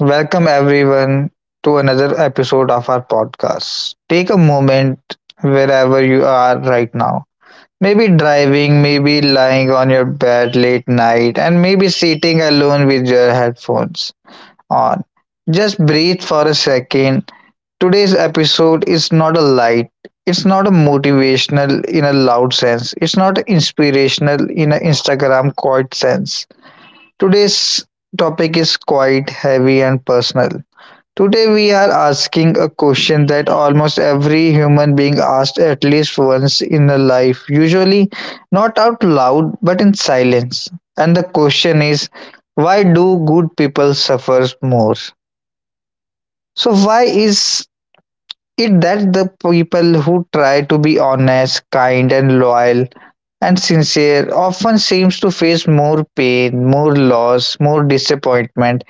Welcome everyone to another episode of our podcast. Take a moment wherever you are right now. Maybe driving, maybe lying on your bed late night, and maybe sitting alone with your headphones on. Just breathe for a second. Today's episode is not a light. It's not a motivational in a loud sense. It's not inspirational in an Instagram quote sense. Today's topic is quite heavy and personal. Today we are asking a question that almost every human being asks at least once in a life, usually not out loud but in silence. And the question is, why do good people suffer more? So why is it that the people who try to be honest, kind and loyal and sincere often seems to face more pain, more loss, more disappointment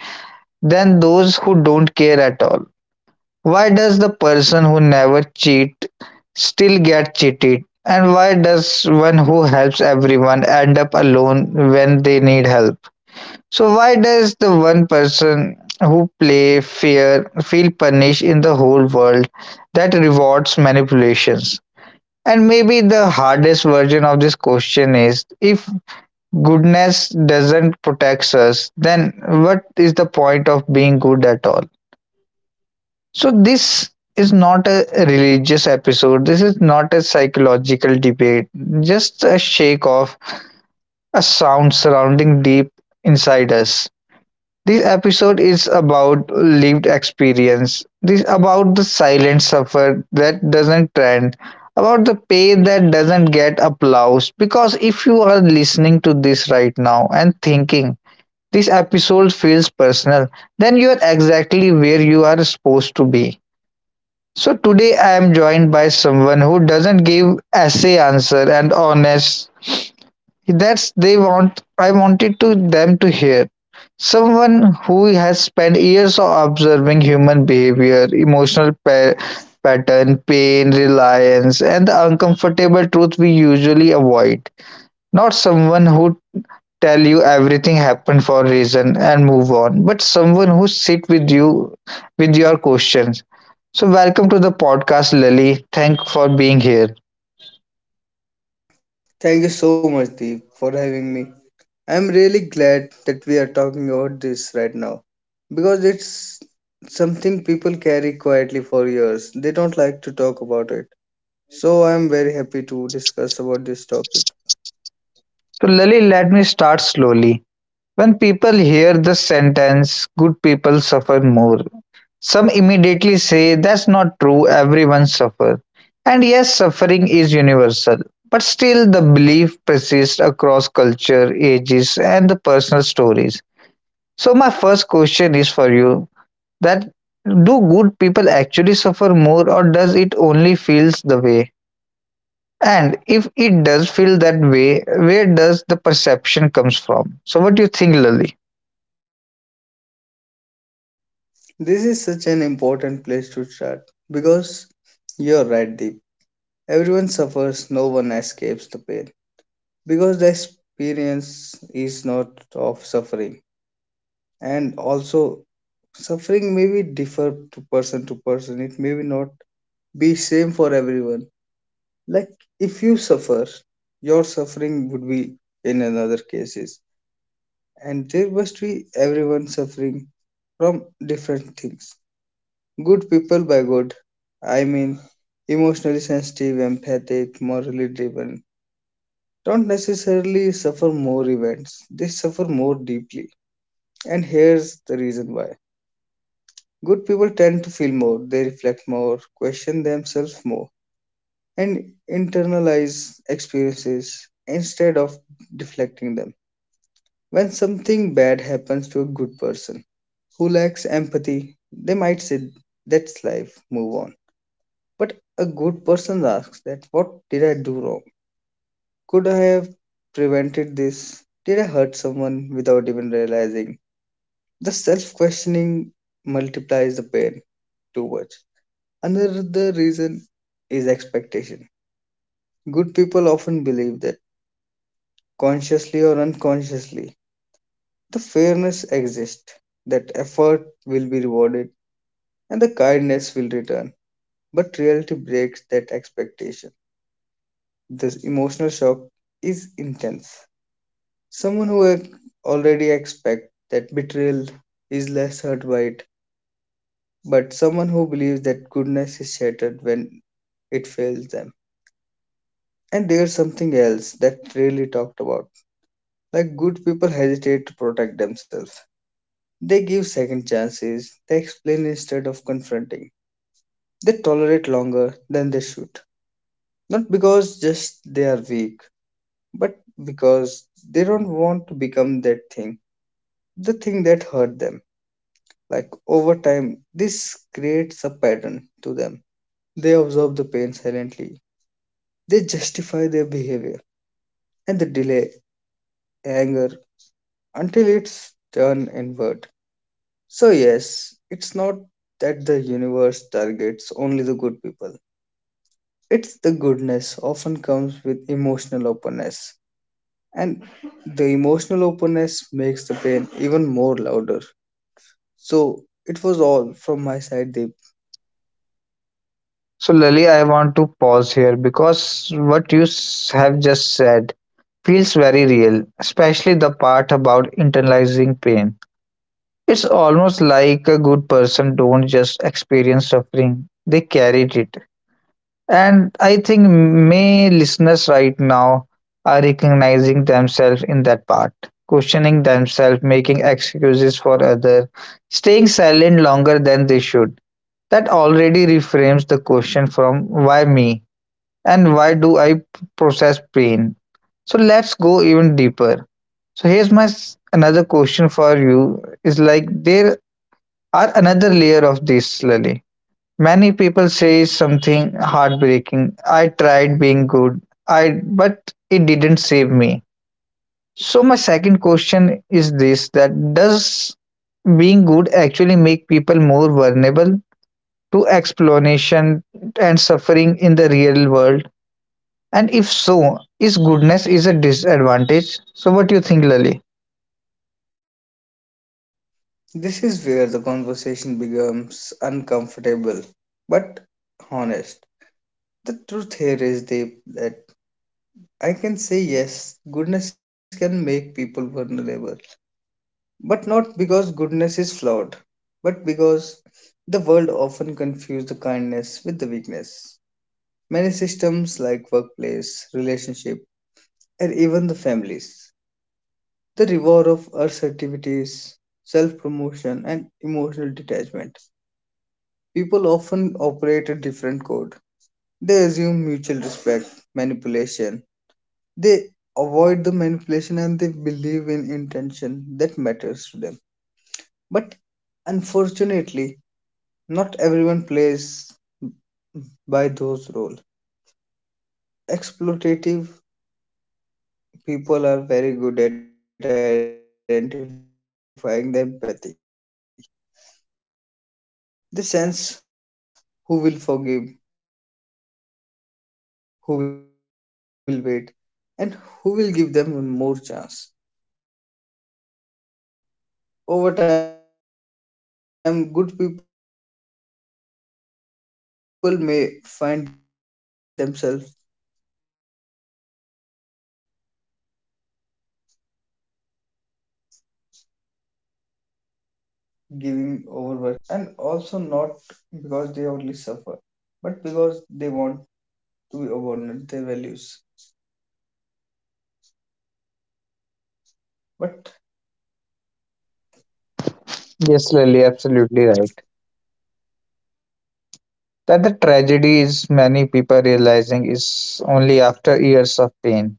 than those who don't care at all? Why does the person who never cheat still get cheated, and why does one who helps everyone end up alone when they need help? So why does the one person who play fair feel punished in the whole world that rewards manipulations? And maybe the hardest version of this question is, if goodness doesn't protect us, then what is the point of being good at all? So this is not a religious episode. This is not a psychological debate. Just a shake off, a sound surrounding deep inside us. This episode is about lived experience. This is about the silent suffer that doesn't trend. About the pain that doesn't get applause. Because if you are listening to this right now and thinking this episode feels personal, then you are exactly where you are supposed to be. So today I am joined by someone who doesn't give essay answer and honest. That's they want. I wanted to them to hear someone who has spent years of observing human behavior, emotional pattern, pain, reliance, and the uncomfortable truth we usually avoid. Not someone who tell you everything happened for a reason and move on, but someone who sit with you with your questions. So welcome to the podcast, Lily. Thank for being here. Thank you so much, Deep, for having me. I'm really glad that we are talking about this right now because it's something people carry quietly for years. They don't like to talk about it. So I'm very happy to discuss about this topic. So Lily, let me start slowly. When people hear the sentence, good people suffer more. Some immediately say that's not true, everyone suffers. And yes, suffering is universal. But still, the belief persists across culture, ages, and the personal stories. So, my first question is for you, that do good people actually suffer more, or does it only feels the way? And if it does feel that way, where does the perception comes from? So what do you think, Lali? This is such an important place to start because you're right, Deep. Everyone suffers, no one escapes the pain because the experience is not of suffering, and also suffering may be differ to person to person. It may be not be same for everyone. Like if you suffer, your suffering would be in another cases, and there must be everyone suffering from different things. Good people, by good, I mean emotionally sensitive, empathic, morally driven, don't necessarily suffer more events. They suffer more deeply, and here's the reason why. Good people tend to feel more, they reflect more, question themselves more, and internalize experiences instead of deflecting them. When something bad happens to a good person who lacks empathy, they might say, "That's life, move on." But a good person asks that, what did I do wrong? Could I have prevented this? Did I hurt someone without even realizing? The self questioning multiplies the pain too much. Another reason is expectation. Good people often believe that, consciously or unconsciously, the fairness exists, that effort will be rewarded and the kindness will return. But reality breaks that expectation. The emotional shock is intense. Someone who ac- Already expects that betrayal is less hurt by it, but someone who believes that goodness is shattered when it fails them. And there's something else that really talked about. Like good people hesitate to protect themselves. They give second chances, they explain instead of confronting. They tolerate longer than they should. Not because just they are weak, but because they don't want to become that thing, the thing that hurt them. Like over time, this creates a pattern to them. They observe the pain silently, they justify their behavior, and they delay anger until it's turned inward. So, yes, it's not that the universe targets only the good people. It's the goodness often comes with emotional openness, and the emotional openness makes the pain even more louder. So, it was all from my side, Deep. So Lali, I want to pause here because what you have just said feels very real, especially the part about internalizing pain. It's almost like a good person don't just experience suffering, they carried it. And I think many listeners right now are recognizing themselves in that part, questioning themselves, making excuses for others, staying silent longer than they should. That already reframes the question from why me and why do process pain. So let's go even deeper. So here's another question for you, is like there are another layer of this, Lali. Many people say something heartbreaking. I tried being good, I but it didn't save me. So my second question is this, that does being good actually make people more vulnerable to exploitation and suffering in the real world? And if so, is goodness is a disadvantage? So what do you think, Lali? This is where the conversation becomes uncomfortable but honest. The truth here is, Deep, that I can say yes, goodness can make people vulnerable, but not because goodness is flawed, but because the world often confuses the kindness with the weakness. Many systems like workplace, relationship, and even the families, the reward of assertivities, self-promotion, and emotional detachment. People often operate a different code. They assume mutual respect, manipulation. They avoid the manipulation and they believe in intention that matters to them. But unfortunately, not everyone plays by those rules. Exploitative people are very good at identifying the empathy. They sense who will forgive, who will wait, and who will give them one more chance. Over time, good people may find themselves giving, overworking, over sacrificing, and also not because they only suffer, but because they want to abandon their values. But Yes, Lily, absolutely right. That the tragedy is many people realizing is only after years of pain.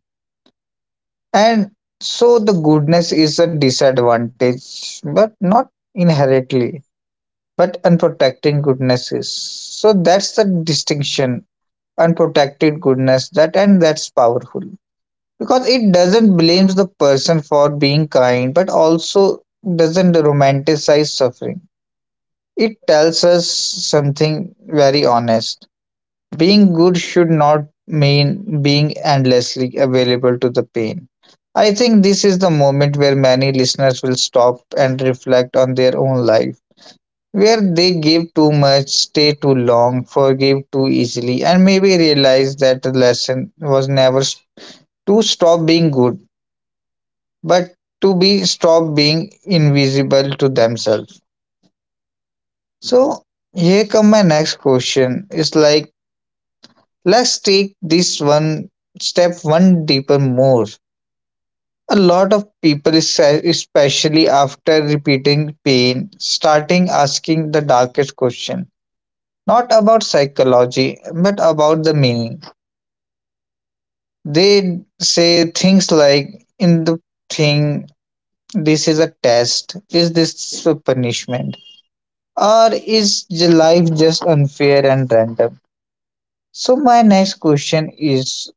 And so the goodness is a disadvantage, but not inherently. But unprotected goodness is. So that's the distinction. Unprotected goodness, that and that's powerful. Because it doesn't blame the person for being kind, but also doesn't romanticize suffering. It tells us something very honest. Being good should not mean being endlessly available to the pain. I think this is the moment where many listeners will stop and reflect on their own life, where they give too much, stay too long, forgive too easily, and maybe realize that the lesson was never s- to stop being good, but to be stop being invisible to themselves. So here come my next question. It's like, let's take this one step one deeper more. A lot of people, especially after repeating pain, starting asking the darkest question. Not about psychology, but about the meaning. They say things like, in the thing, this is a test, is this a punishment, or is life just unfair and random? So, my next question is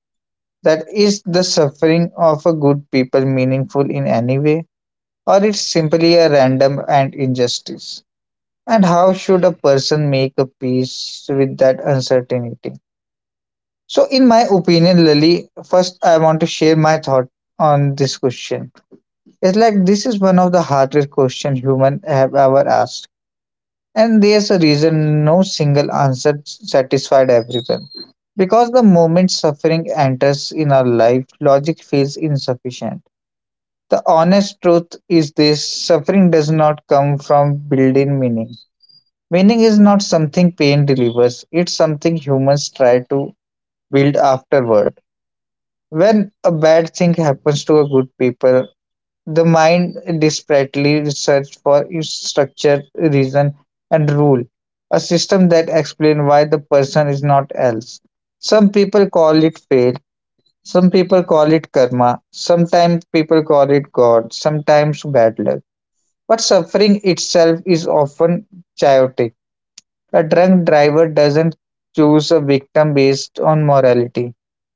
that, is the suffering of a good people meaningful in any way, or it's simply a random and injustice, and how should a person make a peace with that uncertainty? So in my opinion, Lily, first I want to share my thought on this question. It's like, this is one of the hardest question human have ever asked, and there's a reason no single answer satisfied everyone, because the moment suffering enters in our life, logic feels insufficient. The honest truth is this: suffering does not come from building meaning. Meaning is not something pain delivers, it's something humans try to build afterward. When a bad thing happens to a good people, the mind desperately searches for its structure, reason, and rule, a system that explains why the person is not else. Some people call it fate, some people call it karma, sometimes people call it God, sometimes bad luck, but suffering itself is often chaotic. A drunk driver doesn't choose a victim based on morality.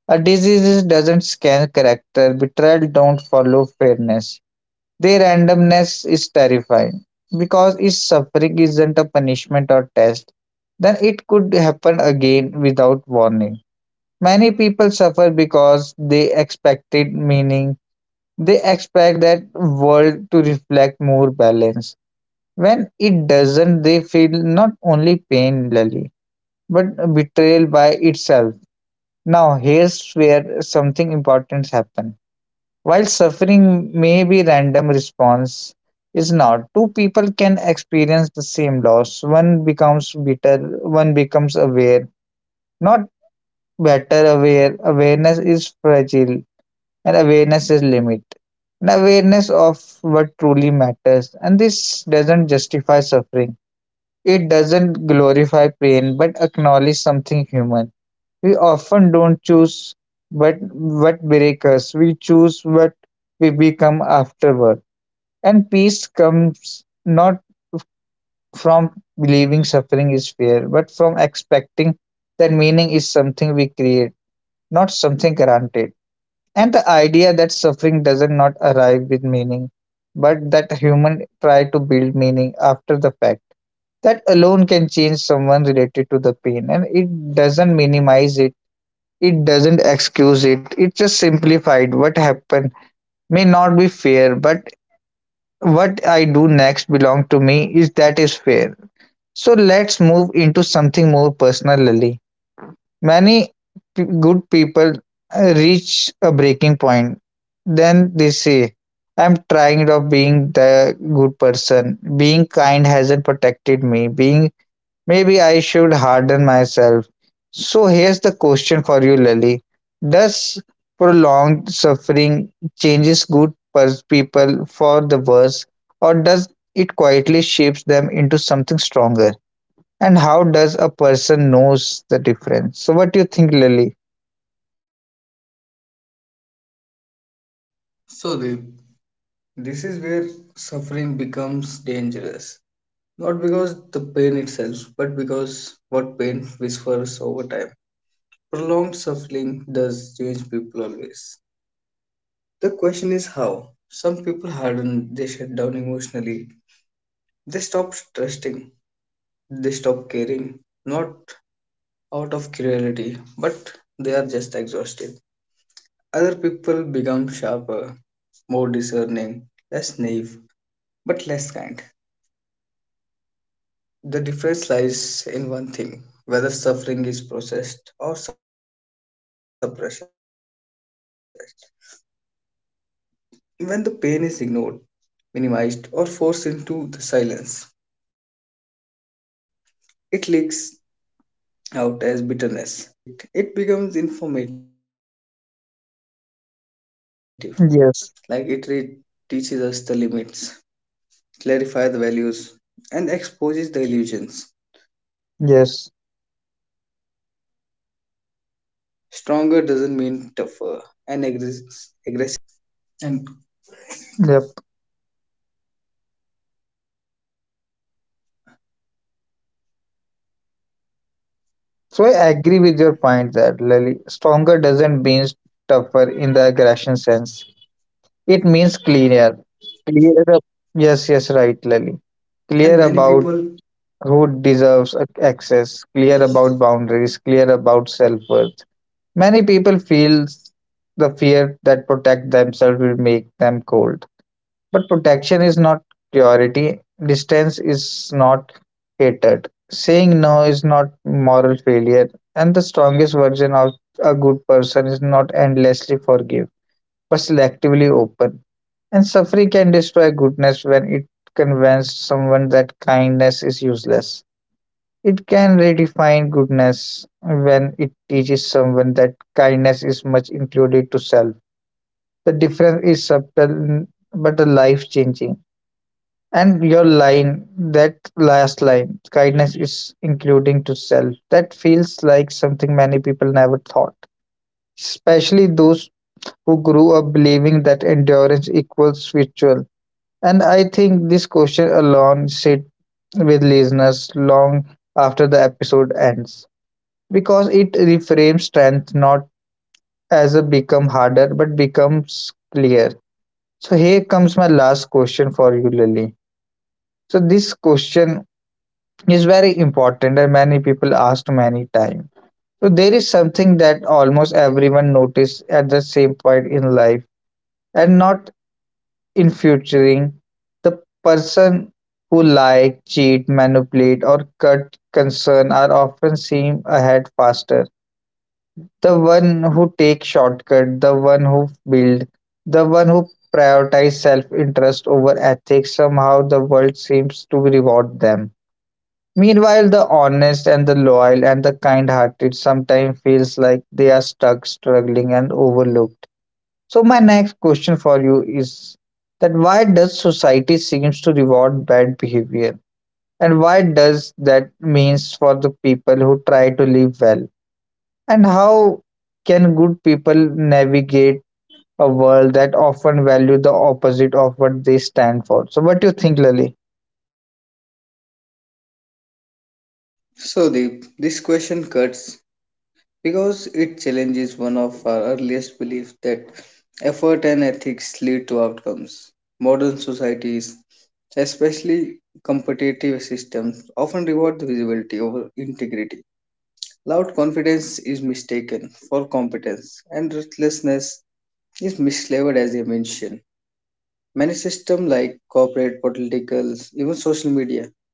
A disease doesn't scan character. Betrayal don't follow fairness. Their randomness is terrifying. Because if suffering isn't a punishment or test, then it could happen again without warning. Many people suffer because they expected meaning. They expect that world to reflect more balance. When it doesn't, they feel not only pain, Lily, but betrayal by itself. Now, here's where something important happens. While suffering may be random, response is not. Two people can experience the same loss. One becomes bitter, one becomes aware. Not better, aware. Awareness is fragile, and awareness is limit. An awareness of what truly matters, and this doesn't justify suffering. It doesn't glorify pain but acknowledge something human. We often don't choose but what break us. We choose what we become afterward. And peace comes not from believing suffering is fair, but from expecting that meaning is something we create, not something granted. And the idea that suffering doesn't not arrive with meaning, but that human try to build meaning after the fact, that alone can change someone related to the pain, and it doesn't minimize it, it doesn't excuse it, it just simplified what happened. May not be fair, but what I do next belong to me. Is that is fair? So let's move into something more personal, Lily. Many good people reach a breaking point, then they say, I'm tired of being the good person, being kind hasn't protected me, being, maybe I should harden myself. So here's the question for you, Lily. Does prolonged suffering changes good people for the worse, or does it quietly shapes them into something stronger? And how does a person knows the difference? So what do you think, Lily? so, Deep, this is where suffering becomes dangerous. Not because the pain itself, but because what pain whispers over time. Prolonged suffering does change people always. The question is how. Some people harden, they shut down emotionally, they stop trusting, they stop caring, not out of cruelty, but they are just exhausted. Other people become sharper, more discerning, less naive, but less kind. The difference lies in one thing: whether suffering is processed or suppressed. When the pain is ignored, minimized, or forced into the silence, it leaks out as bitterness. When the pain is acknowledged Yes. without romanticizing it, it becomes informative, like teaches us the limits, clarify the Yes. values, and exposes the illusions. Stronger doesn't mean tougher, and aggressive sense, it means just Yep. clearer. and So I agree with your point there, Lily. Stronger doesn't mean tougher in the aggression sense. It means cleaner. Clear. Yes, yes, right, Lali. Clear about who deserves access, clear and many about people, boundaries, clear about self worth. Many people feel yes. the fear that protect themselves will make them cold. But protection is not purity, distance is not hatred. Saying no is not moral failure, and the strongest version of a good person is not endlessly forgive, but selectively open. And suffering can destroy goodness when it convinces someone that kindness is useless. It can redefine goodness when it teaches someone that kindness is much included to self. The difference is subtle but life changing. And your line, that last line, kindness is including to self, that feels like something many people never thought, especially those who grew up believing that endurance equals ritual. And I think this question alone sit with listeners long after the episode ends, because it reframes strength not as a become harder but becomes clear. So here comes my last question for you, Lily. So this question is very important and many people asked many times. So there is something that almost everyone notice at the same point in life, and not in futuring, the person who lie, cheat, manipulate, or cut concern are often seen ahead faster. The one who take shortcut, the one who build, the one who prioritize self-interest over ethics, somehow the world seems to reward them. Meanwhile, the honest and the loyal and the kind-hearted sometimes feels like they are stuck, struggling, and overlooked. So my next question for you is, that why does society seems to reward bad behavior, and why does that means for the people who try to live well, and how can good people navigate a world that often value the opposite of what they stand for? So what do you think, Lali? So, Deep, this question cuts because it challenges one of our earliest beliefs that effort and ethics lead to outcomes. Modern societies, especially competitive systems, often reward visibility integrity. Loud confidence is mistaken for competence, and ruthlessness is mislabeled as ambition. Many systems like corporate, political, even social media,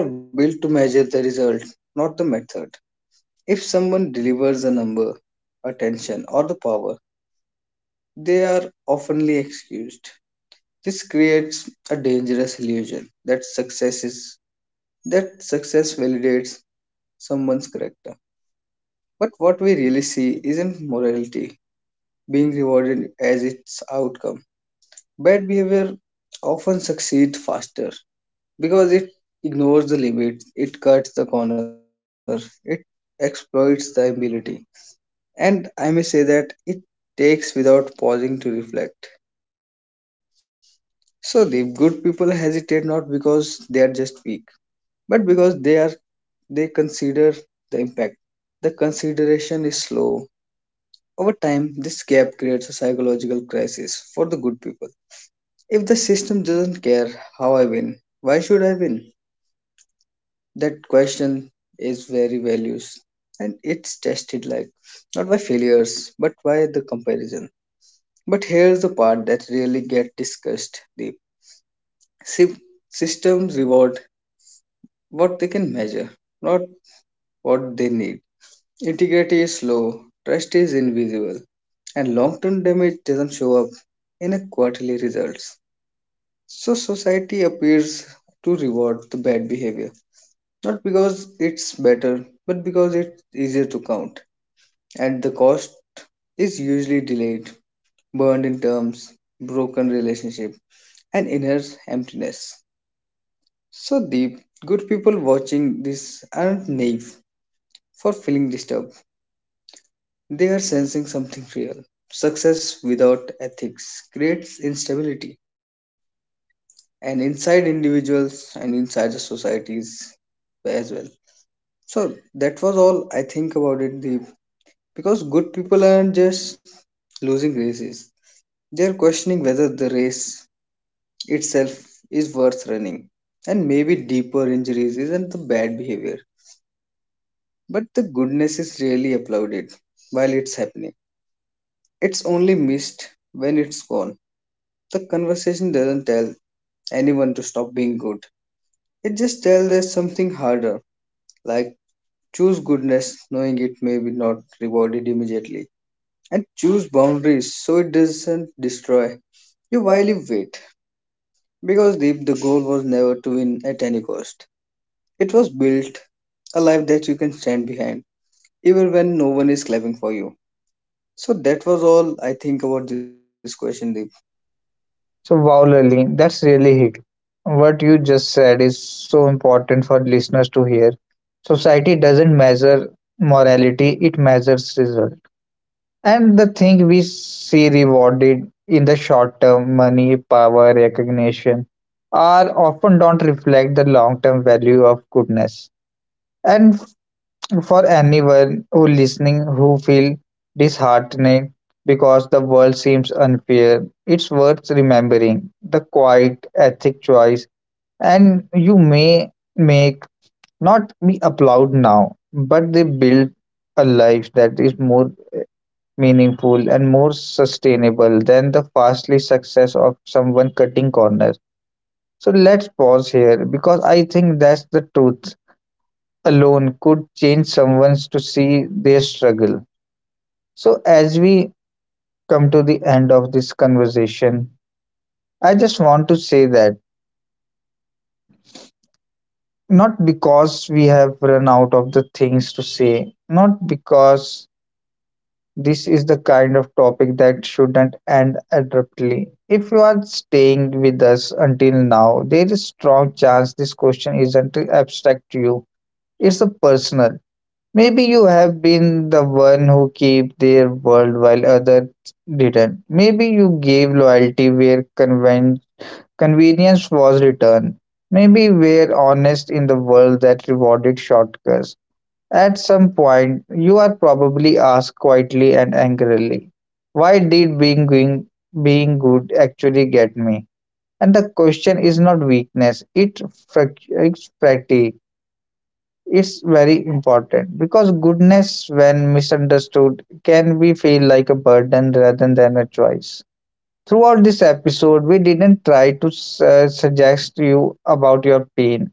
they are built to measure the result, not the method. If someone delivers a number, attention, or the power, they are oftenly excused. This creates a dangerous illusion that success is that success validates someone's character. But what we really see isn't morality being rewarded as its outcome. Bad behavior often succeeds faster because it ignores the limits, it cuts the corner, it exploits the ability, and I may say that it takes without pausing to reflect. So the good people hesitate not because they are just weak, but because they consider the impact. The consideration is slow. Over time, this gap creates a psychological crisis for the good people. If the system doesn't care how I win, why should I win? That question is very values and tested like not by failures but by the comparison. But here's the part that really get discussed, the sy- systems reward what they can measure, not what they need. Is slow, trust is invisible, and long term damage doesn't show up in a quarterly results. So society appears to reward the bad behavior not because it's better, but because it's easier to count. And the cost is usually delayed, burned in terms, broken relationship, and inner emptiness. So Deep, good people watching this aren't naive for feeling disturbed. They are sensing something real. Success without ethics creates instability. And inside individuals and inside the societies as well. So that was all I think about it, Deep. Because good people aren't just losing races, they're questioning whether the race itself is worth running. And maybe deeper injuries isn't the bad behavior, but the goodness is really applauded while it's happening. It's only missed when it's gone. The conversation doesn't tell anyone to stop being good, it just tells us something harder, like choose goodness knowing it may be not rewarded immediately, and choose boundaries so it doesn't destroy you while you wait. Because Deep, the goal was never to win at any cost. It was built a life that you can stand behind, even when no one is clapping for you. So that was all I think about this question, Deep. Wow, Lali, that's really hit. What you just said is so important for listeners to hear. Society doesn't measure morality, it measures results. And the thing we see rewarded in the short term, money, power, recognition, are often don't reflect the long term value of goodness. And for anyone who listening who feel disheartened because the world seems unfair, it's worth remembering the quiet ethic choice and you may make not be applauded now, but they build a life that is more meaningful, and more sustainable than the fastly success of someone cutting corners. So let's pause here, because I think that's the truth alone could change someone's to see their struggle. So as we come to the end of this conversation, I just want to say that, not because we have run out of the things to say, not because this is the kind of topic that shouldn't end abruptly. If you are staying with us until now, there is strong chance this question isn't abstract to you. It's a personal. Maybe you have been the one who kept their world while others didn't. Maybe you gave loyalty where convenience was returned. Maybe were honest in the world that rewarded shortcuts. At some point, you are probably asked quietly and angrily, why did being, going, being good actually get me? And the question is not weakness, it it's fatigue. It's very important, because goodness, when misunderstood, can be feel like a burden rather than a choice. Throughout this episode, we didn't try to suggest you about your pain.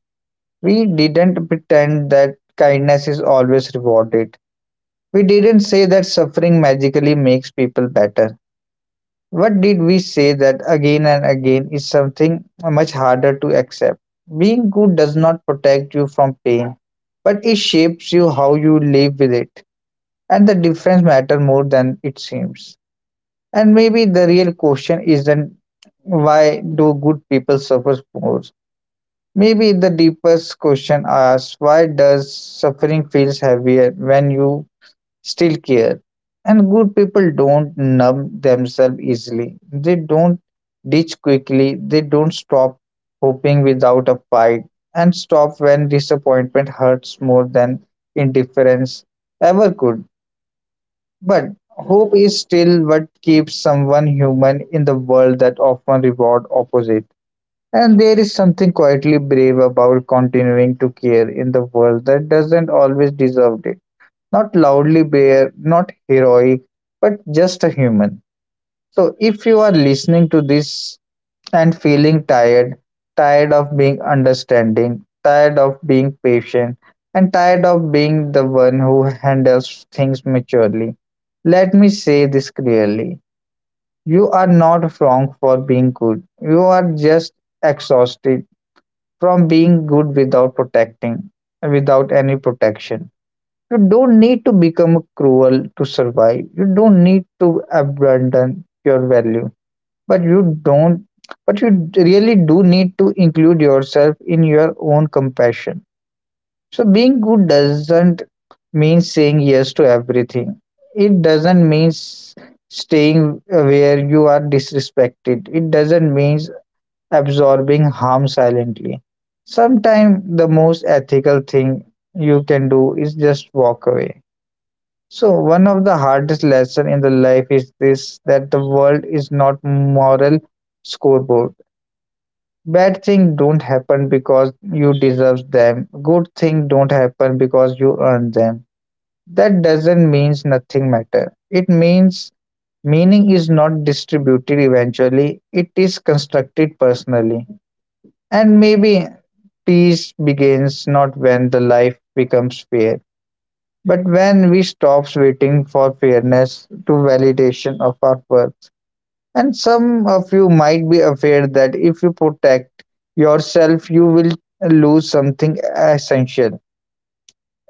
We didn't pretend that kindness is always rewarded, we didn't say that suffering magically makes people better. What did we say that again and again is something much harder to accept? Being good does not protect you from pain, but it shapes you how you live with it. And the difference matter more than it seems. And maybe the real question isn't, why do good people suffer more? Maybe the deepest question asks, why does suffering feels heavier when you still care. And good people don't numb themselves easily. They don't ditch quickly. They don't stop hoping without a fight, and stop when disappointment hurts more than indifference ever could. But hope is still what keeps someone human in the world that often reward opposite. And there is something quietly brave about continuing to care in the world that doesn't always deserve it, not loudly bare, not heroic, but just a human. So, if you are listening to this and feeling tired, tired of being understanding, tired of being patient, and tired of being the one who handles things maturely, let me say this clearly. You are not wrong for being good. You are just exhausted from being good without protecting, without any protection. You don't need to become cruel to survive. You don't need to abandon your value. But you don't But you really do need to include yourself in your own compassion. So being good doesn't mean saying yes to everything. It doesn't mean staying where you are disrespected. It doesn't mean absorbing harm silently. Sometimes the most ethical thing you can do is just walk away. So one of the hardest lesson in the life is this, that the world is not moral scoreboard. Bad things don't happen because you deserve them. Good things don't happen because you earn them. That doesn't means nothing matter. It means meaning is not distributed eventually. It is constructed personally. And maybe peace begins not when the life becomes fair, but when we stops waiting for fairness to validation of our worth, and some of you might be aware that if you protect yourself, you will lose something essential,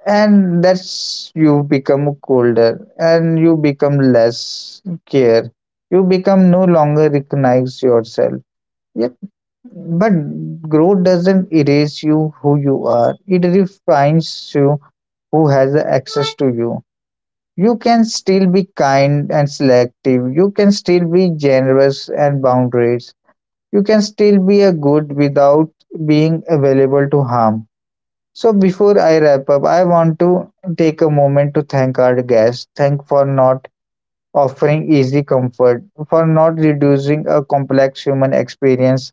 and that's you become colder, and you become less care, you become no longer recognize yourself. Yet, but growth doesn't erase you who you are; it refines you who has the access to you. You can still be kind and selective, you can still be generous and boundaries, you can still be a good without being available to harm. So before I wrap up, I want to take a moment to thank our guests. Thank for not offering easy comfort, for not reducing a complex human experience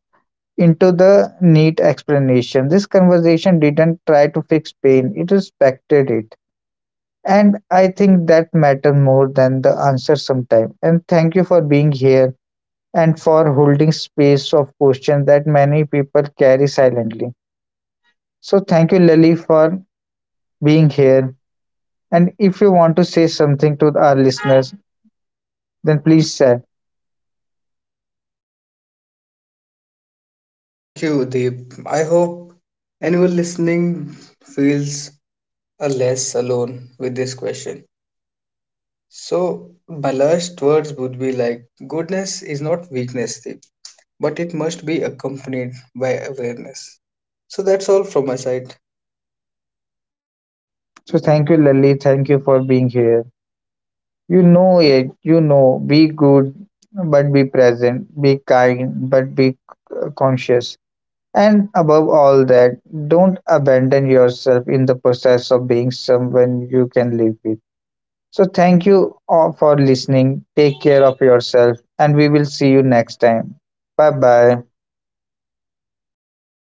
into the neat explanation. This conversation didn't try to fix pain, it respected it. And I think that matter more than the answer sometimes. And thank you for being here, and for holding space of questions that many people carry silently. So thank you, Lily, for being here. And if you want to say something to our listeners, then please say. Thank you, Deep. I hope anyone listening feels a less alone with this question. So my last words would be like goodness is not weakness, Deep, but it must be accompanied by awareness. So that's all from my side. So thank you, Lily. Thank you for being here. You know it. You know. Be good, but be present. Be kind, but be conscious. And above all that, don't abandon yourself in the process of being someone you can live with. So, thank you all for listening. Take care of yourself, and we will see you next time. Bye bye.